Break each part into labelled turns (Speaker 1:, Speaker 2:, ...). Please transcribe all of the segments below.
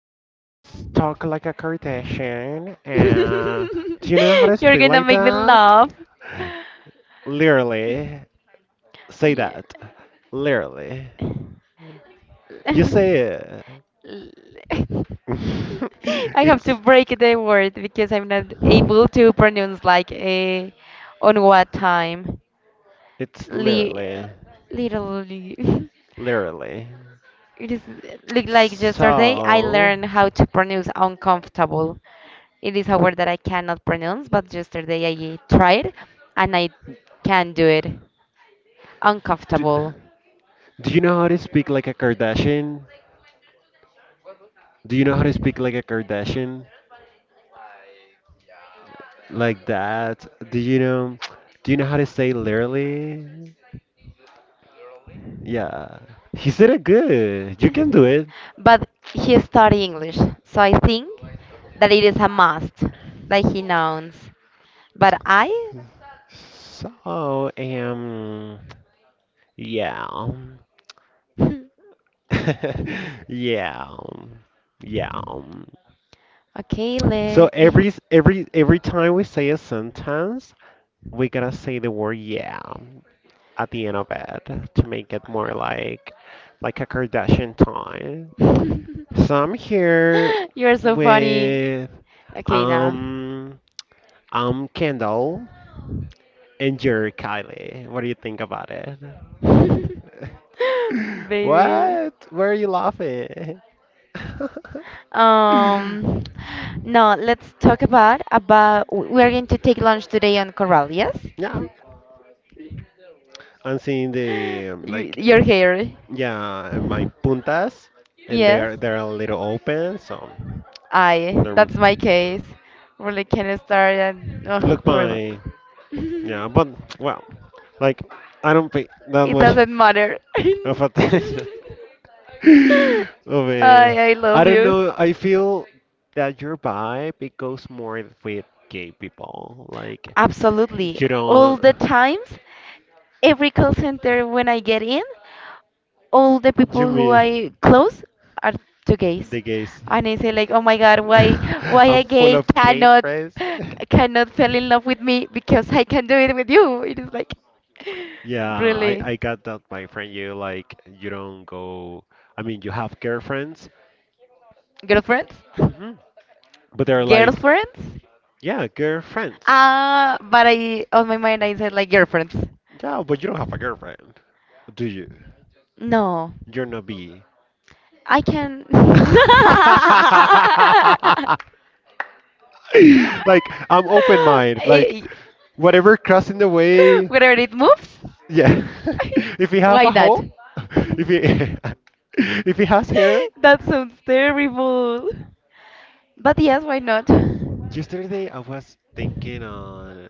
Speaker 1: yeah, let's talk like a Kardashian. Do you know how to
Speaker 2: You're
Speaker 1: speak
Speaker 2: gonna
Speaker 1: like
Speaker 2: make me
Speaker 1: that?
Speaker 2: laugh.
Speaker 1: Literally, say
Speaker 2: Yeah.
Speaker 1: that. Literally, you say it.
Speaker 2: I have to
Speaker 1: It's
Speaker 2: break the word because I'm not able to pronounce like a on what time.
Speaker 1: it's
Speaker 2: Li
Speaker 1: literally,
Speaker 2: Literally.
Speaker 1: literally.
Speaker 2: It is look like yesterday I
Speaker 1: So,
Speaker 2: learned how to pronounce uncomfortable. It is a word that I cannot pronounce, but yesterday I tried
Speaker 1: d- do you know how to speak like a Kardashian? Do you know how to speak like a Kardashian? Like that? Do you know? Do you know how to say literally? Yeah. He said it good. You can do it. So, yeah. Yeah. Yeah. So every time we say a sentence, we gotta say the word yeah, at the end of it to make it more like a Kardashian time. So I'm here with um Kendall, and you're Kylie. What do you think about it? What? Where are you laughing? Yeah, I'm seeing the like yeah, and my puntas, and they're a little open, so they're. Look, my yeah, but well, like, I don't pay that much of attention. Of I don't know. I feel that your vibe, it goes more with gay people. Like, you don't. You mean the gays? Am full of gay friends. Yeah, I got that, my friend. You like, you don't go. I mean, you have girlfriends. Hmm. But they're like, yeah, girlfriends. Yeah, but you don't have a girlfriend, do you? You're not B. Like, I'm open mind. Like, whatever crossing the way. Yeah. If he have a hole, if he if he has hair. Yesterday I was thinking on.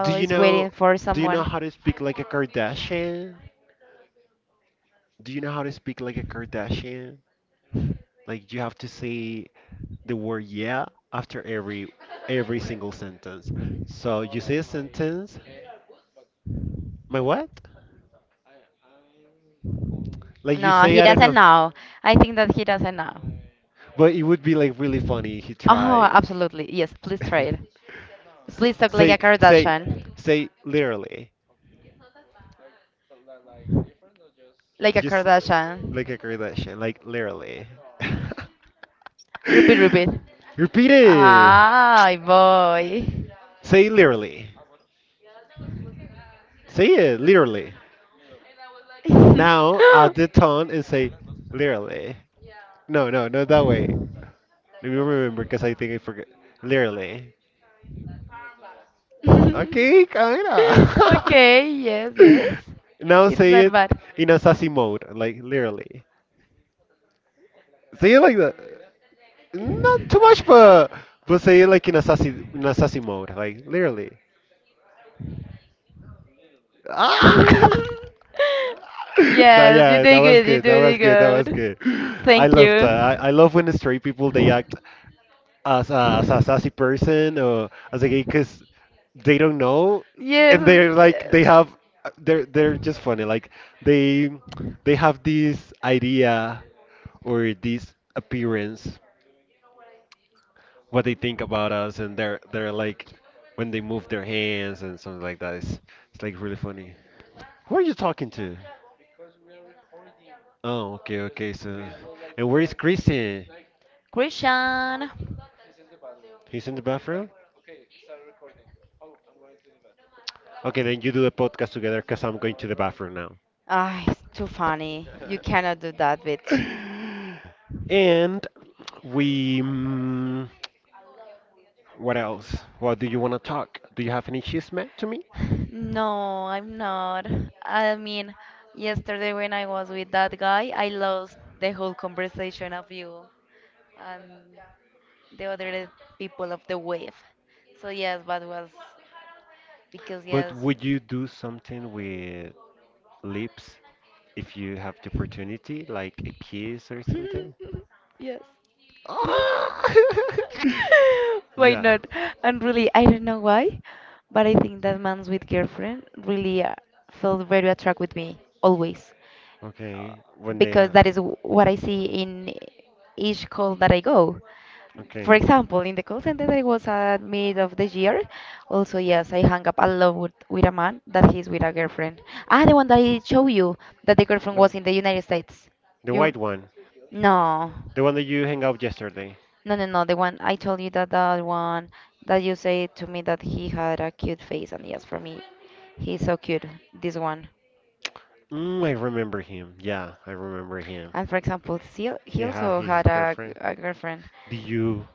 Speaker 1: Do you know? Do you know how to speak like a Kardashian? Do you know how to speak like a Kardashian? Like, you have to say the word yeah after every single sentence. So you say a sentence. My what? Like, you say I don't know. But it would be like really funny if he tried. S- say say say literally. Just like a Kardashian, like literally. Repeat it. Say literally. See it literally. Now add the tone and say literally. No, no, not that way. Let me remember because I think I forget. Literally. Okay, kinda. Now say it in assassin mode, like literally. Say it like that. Not too much, but say it like in assassin, sassy in a mode, like literally. Ah! That yeah, that was good. That was good. That was good. I love that. I love when straight people they act as a, sassy person or as a gay, because they don't know, and they're like, they have, they're just funny, like they they have this idea or this appearance what they think about us, and they're like, when they move their hands and something like that, it's like really funny. Who are you talking to? Oh, okay, okay. So, and where is Christian? He's in the bathroom. Okay, then you do the podcast together, because I'm going to the bathroom now. And we, what else? What do you want to talk? Do you have any chisme to me? But would you do something with lips if you have the opportunity, like a kiss or something? Ah! Yeah. Okay. When they are. Okay. The, the white one. The one that you hang out yesterday. Mm, I remember him. Yeah, I remember him. He had his girlfriend. Did you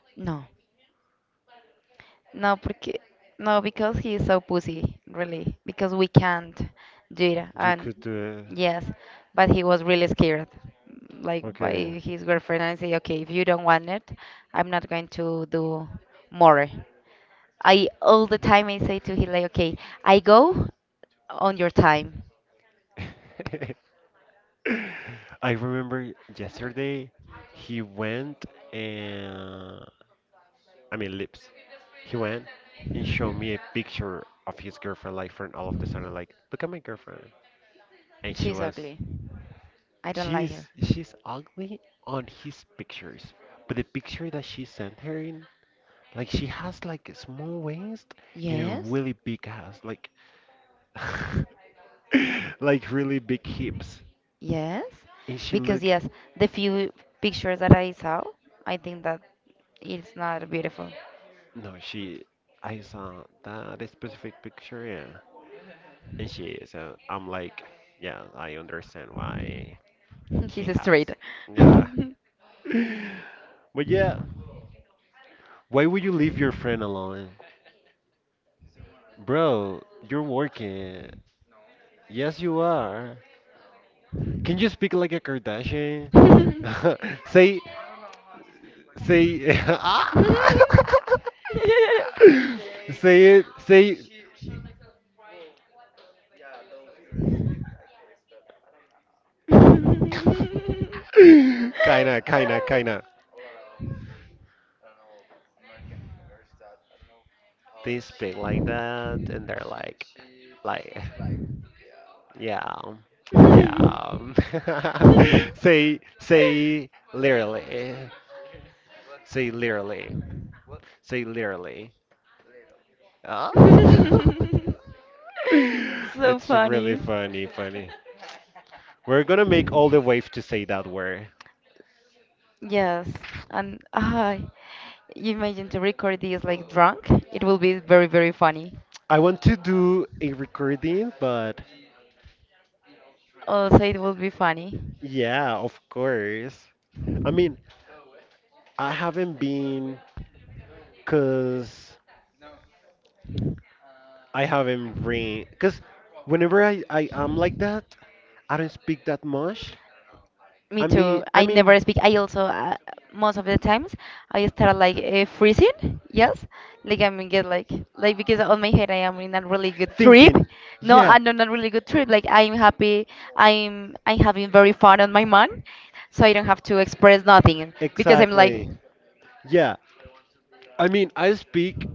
Speaker 1: could do it? Okay. I remember yesterday he went and, I mean, lips. He went and showed me a picture of his girlfriend, like from all of the sudden, like, look at my girlfriend. And she was she's ugly on his pictures, but the picture that she sent her in, like, she has like a small waist and a really big ass, like, like really big hips. And she look, no, she, I saw that specific picture, yeah. And she, so I'm like, yeah, I understand why he has. Yeah. But yeah, why would you leave your friend alone? Bro, you're working. Yes, you are. Can you speak like a Kardashian? Say, see, ah! See it, see, kinda, kinda, kinda. They speak like that, and they're like, yeah, yeah. Say, say literally, say literally, say literally. Ah. It's really funny, funny. We're gonna make all the waves to say that word. I want to do a recording, but yeah, of course. I mean, I haven't been because I haven't been, because whenever I am like that, I don't speak that much. I mean, I mean, thinking. Yeah, exactly. Yeah. I mean, I speak,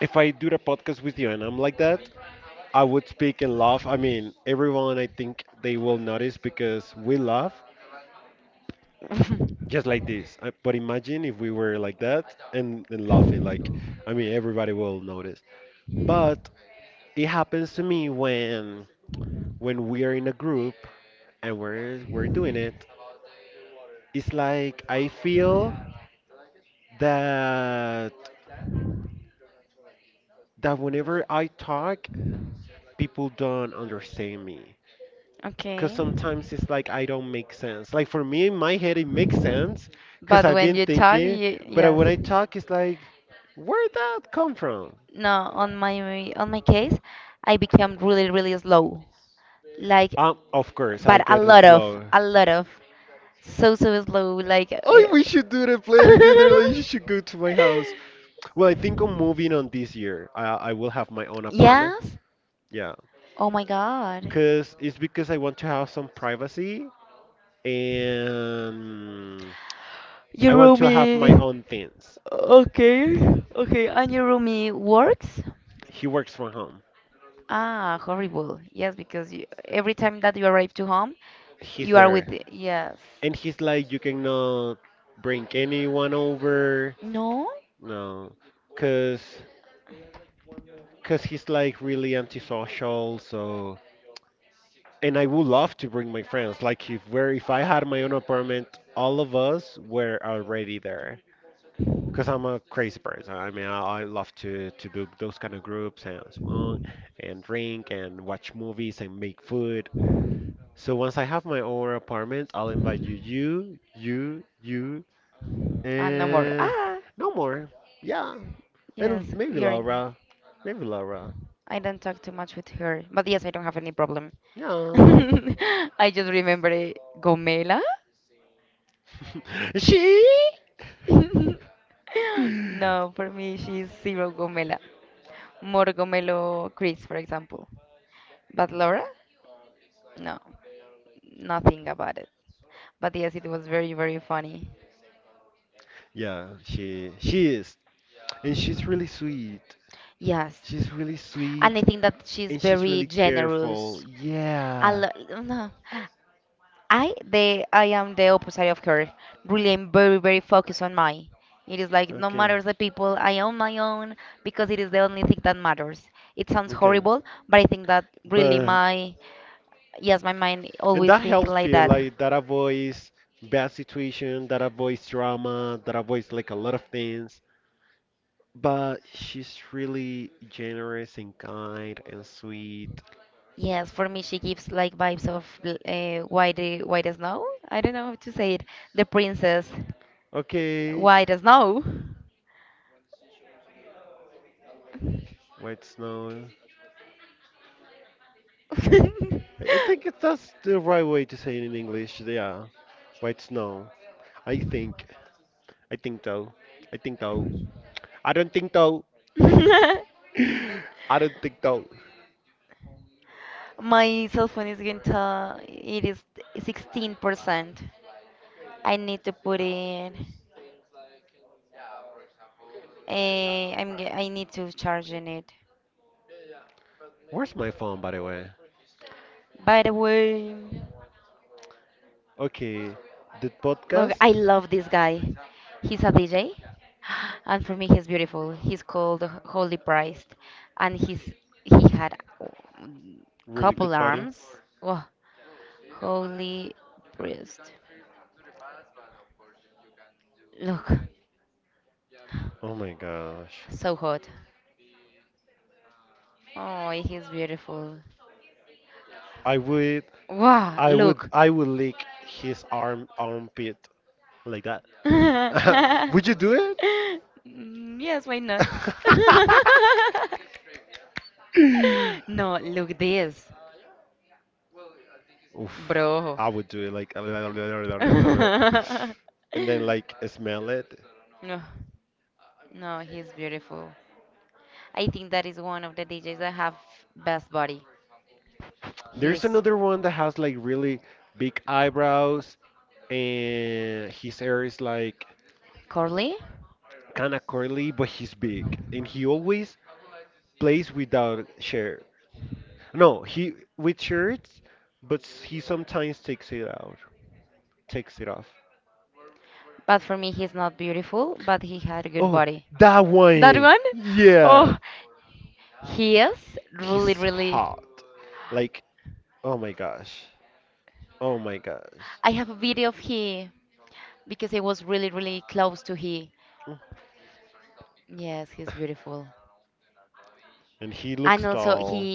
Speaker 1: if I do the podcast with you and I'm like that, I would speak and laugh. I mean, everyone, I think they will notice because we laugh just like this. But imagine if we were like that, and laughing. Like, I mean, everybody will notice. But it happens to me when we are in a group, and we're doing it. It's like I feel that that whenever I talk, people don't understand me, because sometimes it's like I don't make sense. Like, for me, in my head, it makes sense because I've been thinking. But when I talk, it's like, where that come from? Of course, I get it slow. Oh, we should do the play together. Like, you should go to my house. Well, I think I'm moving on this year. I will have my own apartment. Yeah, cause it's because I want to have some privacy and I want to have my own things. He works from home. He's there. And he's like, you cannot bring anyone over. No, cause, cause he's like really antisocial. So, and I would love to bring my friends. Like, if I had my own apartment, all of us were already there. Cause I'm a crazy person. I mean, I love to do those kind of groups and smoke and drink and watch movies and make food. So once I have my own apartment, I'll invite you, you, you, you, and no more. Yeah. And maybe Laura. Maybe Laura. Yeah. She? Yeah, she is. And she's really sweet. She's really sweet. And she's really careful. Yeah. Okay. Okay. But, and that helps me, like, that avoids bad situation, that avoids drama, that avoids like a lot of things. But she's really generous and kind and sweet. Okay, white snow. That's the right way to say it in English. Yeah, white snow. I think. I think though. I think though. I don't think though. I don't think though. Where's my phone, by the way? Okay, the podcast, really good body. Oh my gosh. I would, I would lick his arm, armpit, like that. Would you do it? Oof, I would do it like, and then like smell it. There's another one that has like really big eyebrows, and his hair is like kind of curly, but he's big. And he always plays without shirt. No, he with shirts, but he sometimes takes it out, takes it off. Oh, that one. Yeah. He's hot. Like, oh my gosh. Oh my gosh. Mm. And he looks tall.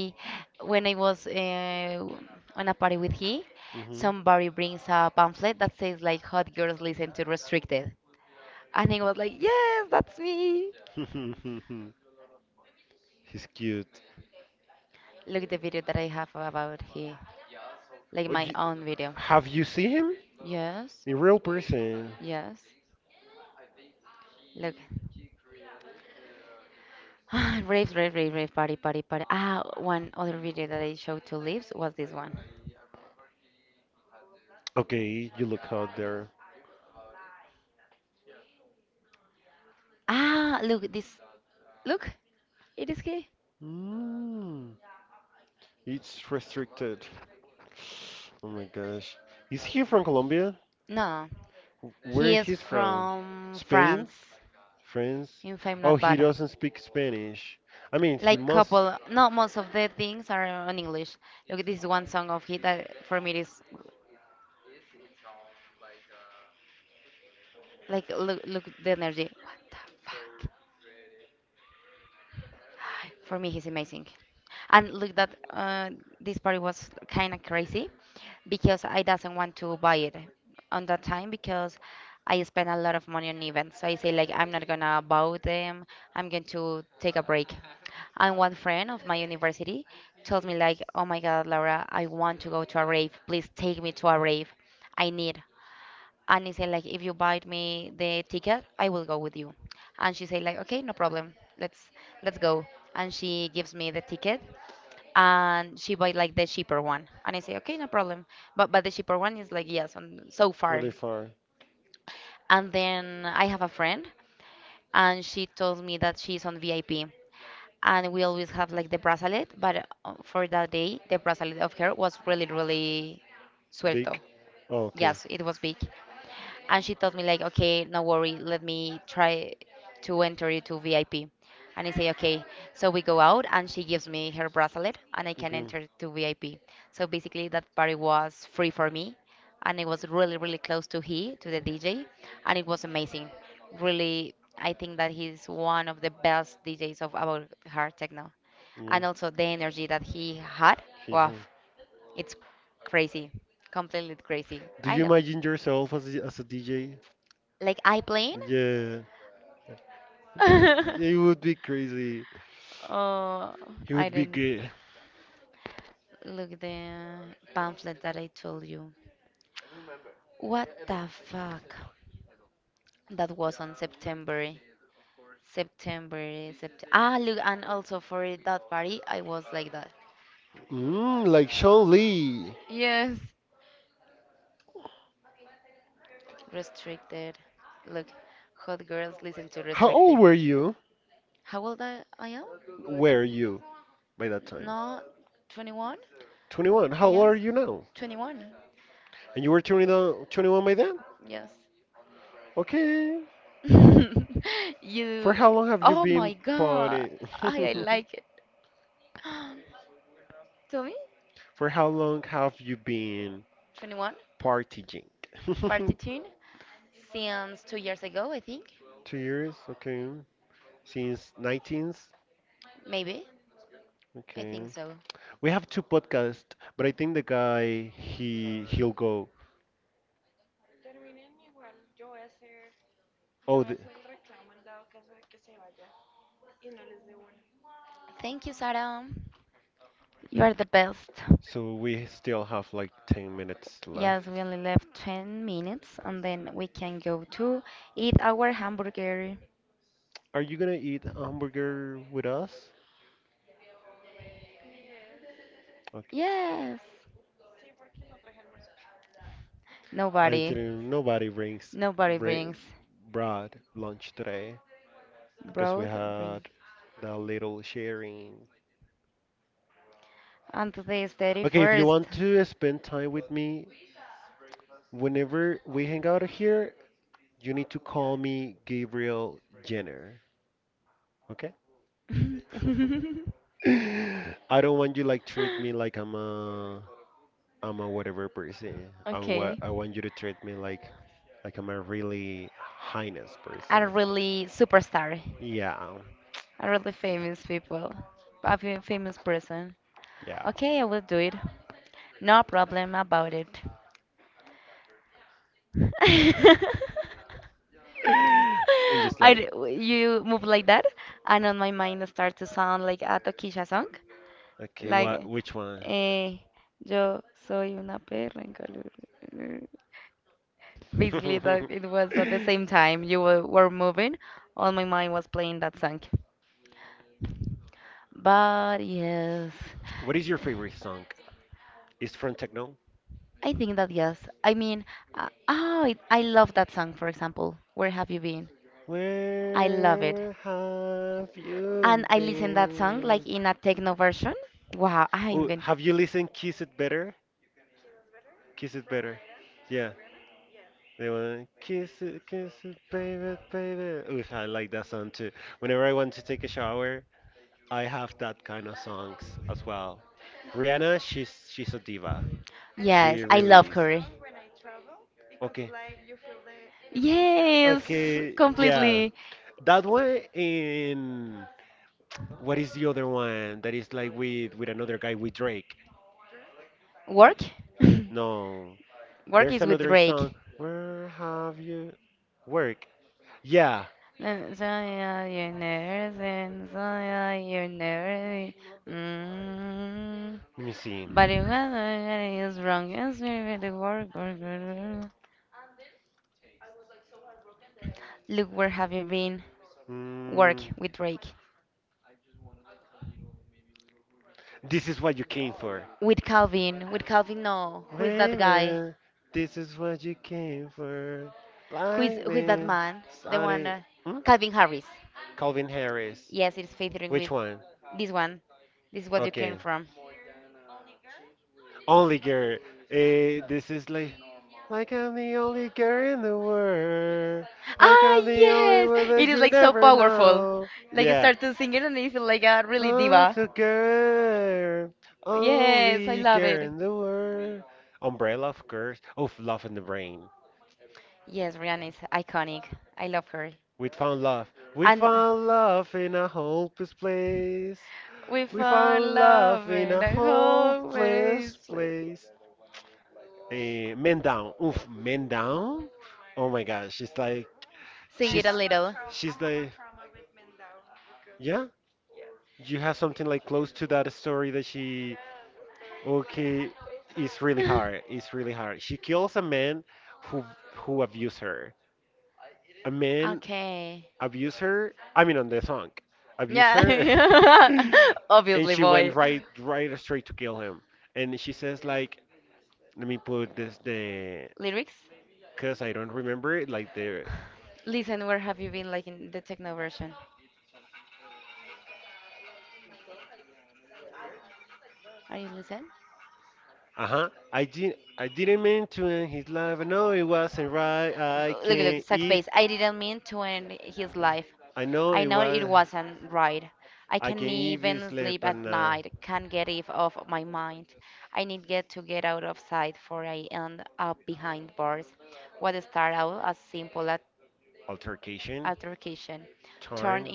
Speaker 1: Hmm. He's cute. Oh, you, have you seen him in real person? Okay, you look hot there. Mm, it's restricted. Oh my gosh. Is he from Colombia? Where he's from? Spain? France? Oh, he doesn't speak Spanish. I mean, he must. Really far. Big? Oh, okay. Okay. Yeah. He has. Do you imagine yourself as a DJ? Yeah, it would be crazy. It would be great. Mm, like Sean Lee. How old were you? Were you by that time? 21. How old are you now? And you were twenty one by then? Okay. For how long have you been partying? For how long have you been partying? 2 years? Okay. Since 19th? Okay. We have two podcasts, but I think the guy he'll go. Oh, the, so we still have like 10 minutes left. Are you gonna eat a hamburger with us? Okay. I didn't. Nobody brings bri- brought lunch today because we had the little sharing. Okay, if you want to spend time with me, whenever we hang out here, you need to call me Gabriel Jenner, okay? I don't want you like treat me like I'm a whatever person. I want you to treat me like I'm a really highness person. Yeah, yeah. And just like, okay, what which one? What is your favorite song? It's from techno? Where have you been? Oh, have you listened Kiss It Better? Kiss It Better. Yeah. They want kiss it, baby, baby. Oof, I like that song too. Whenever I want to take a shower, I have that kind of songs as well. Rihanna, she's a diva. She really is. Okay. Okay, yeah. That one in, what is the other one that is like with another guy with Drake? No, there's another song. Where have you work? Yeah, let me see. Mm, this is what you came for, baby. This is what you came for. Lightning, Sunny. Hmm? Calvin Harris. Which one? Okay. Only girl. Eh, this is like I'm the only girl in the world. Like I'm the only one that you never know. Yeah. Oh, the girl, only girl in the world. Umbrella of curse, of love in the rain. We found love. We found love in a hopeless place. We found love in a hopeless place. Man down. Oof, man down. Oh my gosh, she's, she's like, yeah. You have something like close to that story that she, okay, it's really hard. It's really hard. She kills a man who who abused her. A man abused her. I mean, on the song, abused her, and she went right straight to kill him. And she says like, let me put this the, cause I don't remember it, like the. Uh-huh. I didn't mean to end his life. No, it wasn't right. I can't if I know it was, I can even sleep at night. Altercation, turn.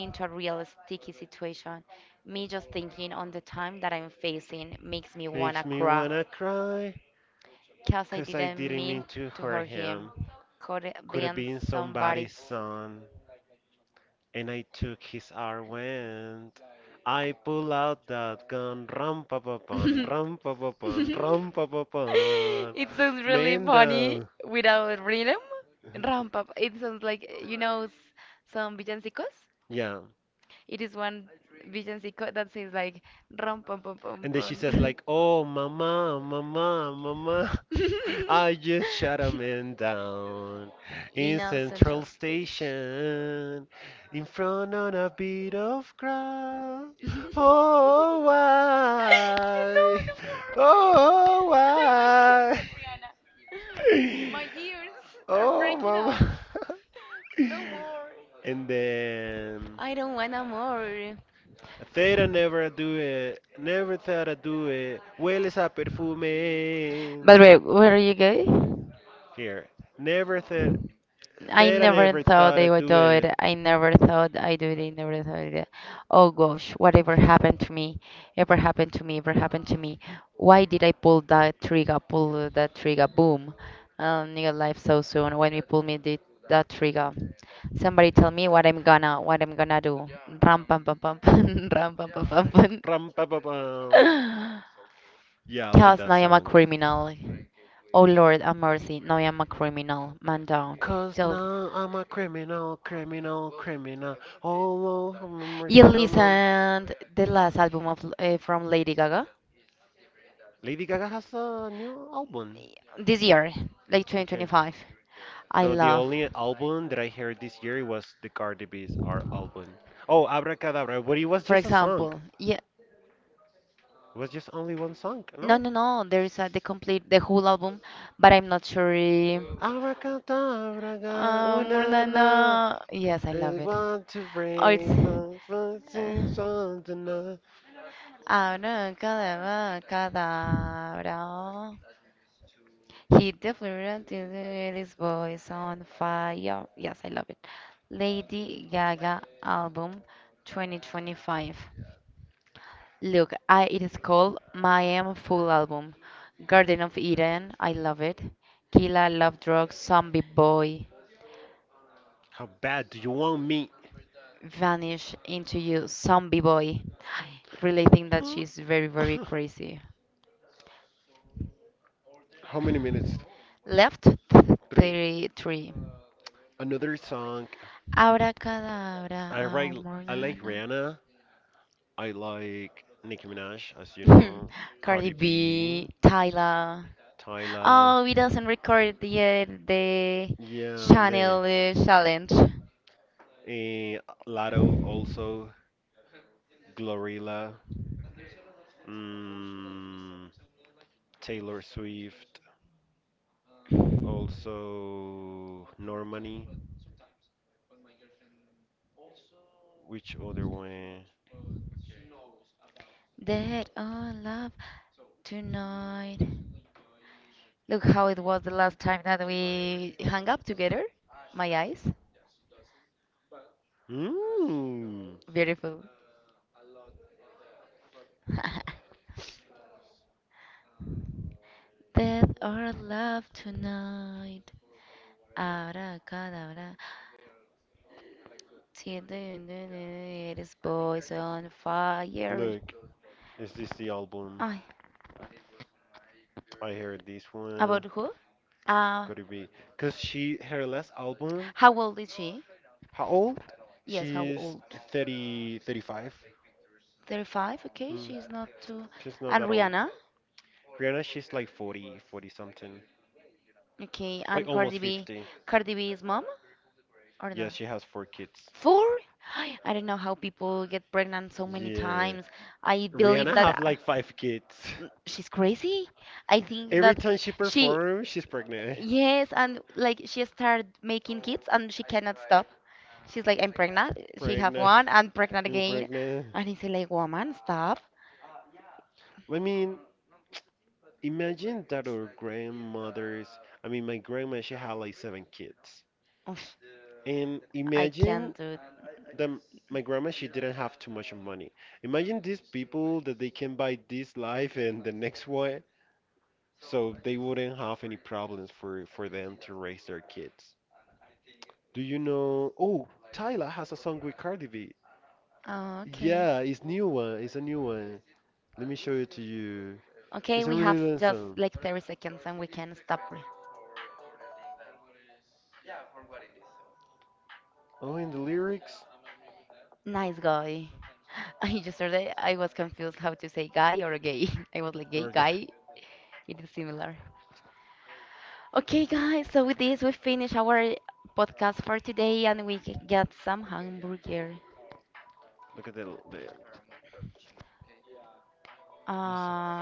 Speaker 1: Makes me wanna cry. Cause I didn't mean to hurt him. Could have been somebody's son. And I took his arm and I pull out that gun, rum pa pa pum, rum pa pa pum, rum pa pa pum. Man down. Yeah. And then she says like, "Oh, mama, mama, mama. I just shut a man down in Central Station in front of a bit of crowd. Oh, why? Oh, why?" Oh, mama. And then they don't never do it. Never thought I'd do it. Well, it's a perfume. Here. Never thought, said I never thought I'd do it. Rum ba, ba, pa. Yeah, I like that song. Cause now I'm a criminal, criminal, criminal. Oh Lord, have mercy, I'm a. Lady Gaga has a new album. Okay. No, the only album that I heard this year was the Cardi B's our album. Oh, Abracadabra, but it was just a song. It was just only one song, no? Abracadabra, una na. I want to bring from fancy tonight. How bad do you want me? How many minutes? Three. Another song. I write. I like Rihanna. I like Nicki Minaj, as you know. Cardi B, Tyla. Yeah, the eh, Lato also Glorilla. Mm, Taylor Swift, also Normani. Which other one? Mm, look, is this the album? I heard this one. Could it be? Because she, her last album, how old? She's 30, 35. Mm. She's not that old. Rihanna, she's like 40, 40 something. Like almost 50. Yeah, has four kids. Like five kids. She she's pregnant. She has. And pregnant. I mean, imagine that our grandmothers, I mean, my grandma, she had like seven kids. And imagine that my grandma, she didn't have too much of money. Imagine these people that they can buy this life and the next one, so they wouldn't have any problems for them to raise their kids. Do you know? Oh, Tyla has a song with Cardi B. Yeah, it's new one. It's a new one. Let me show it to you. It's a really long song. Oh, and the lyrics. Okay, look at the the. Yes.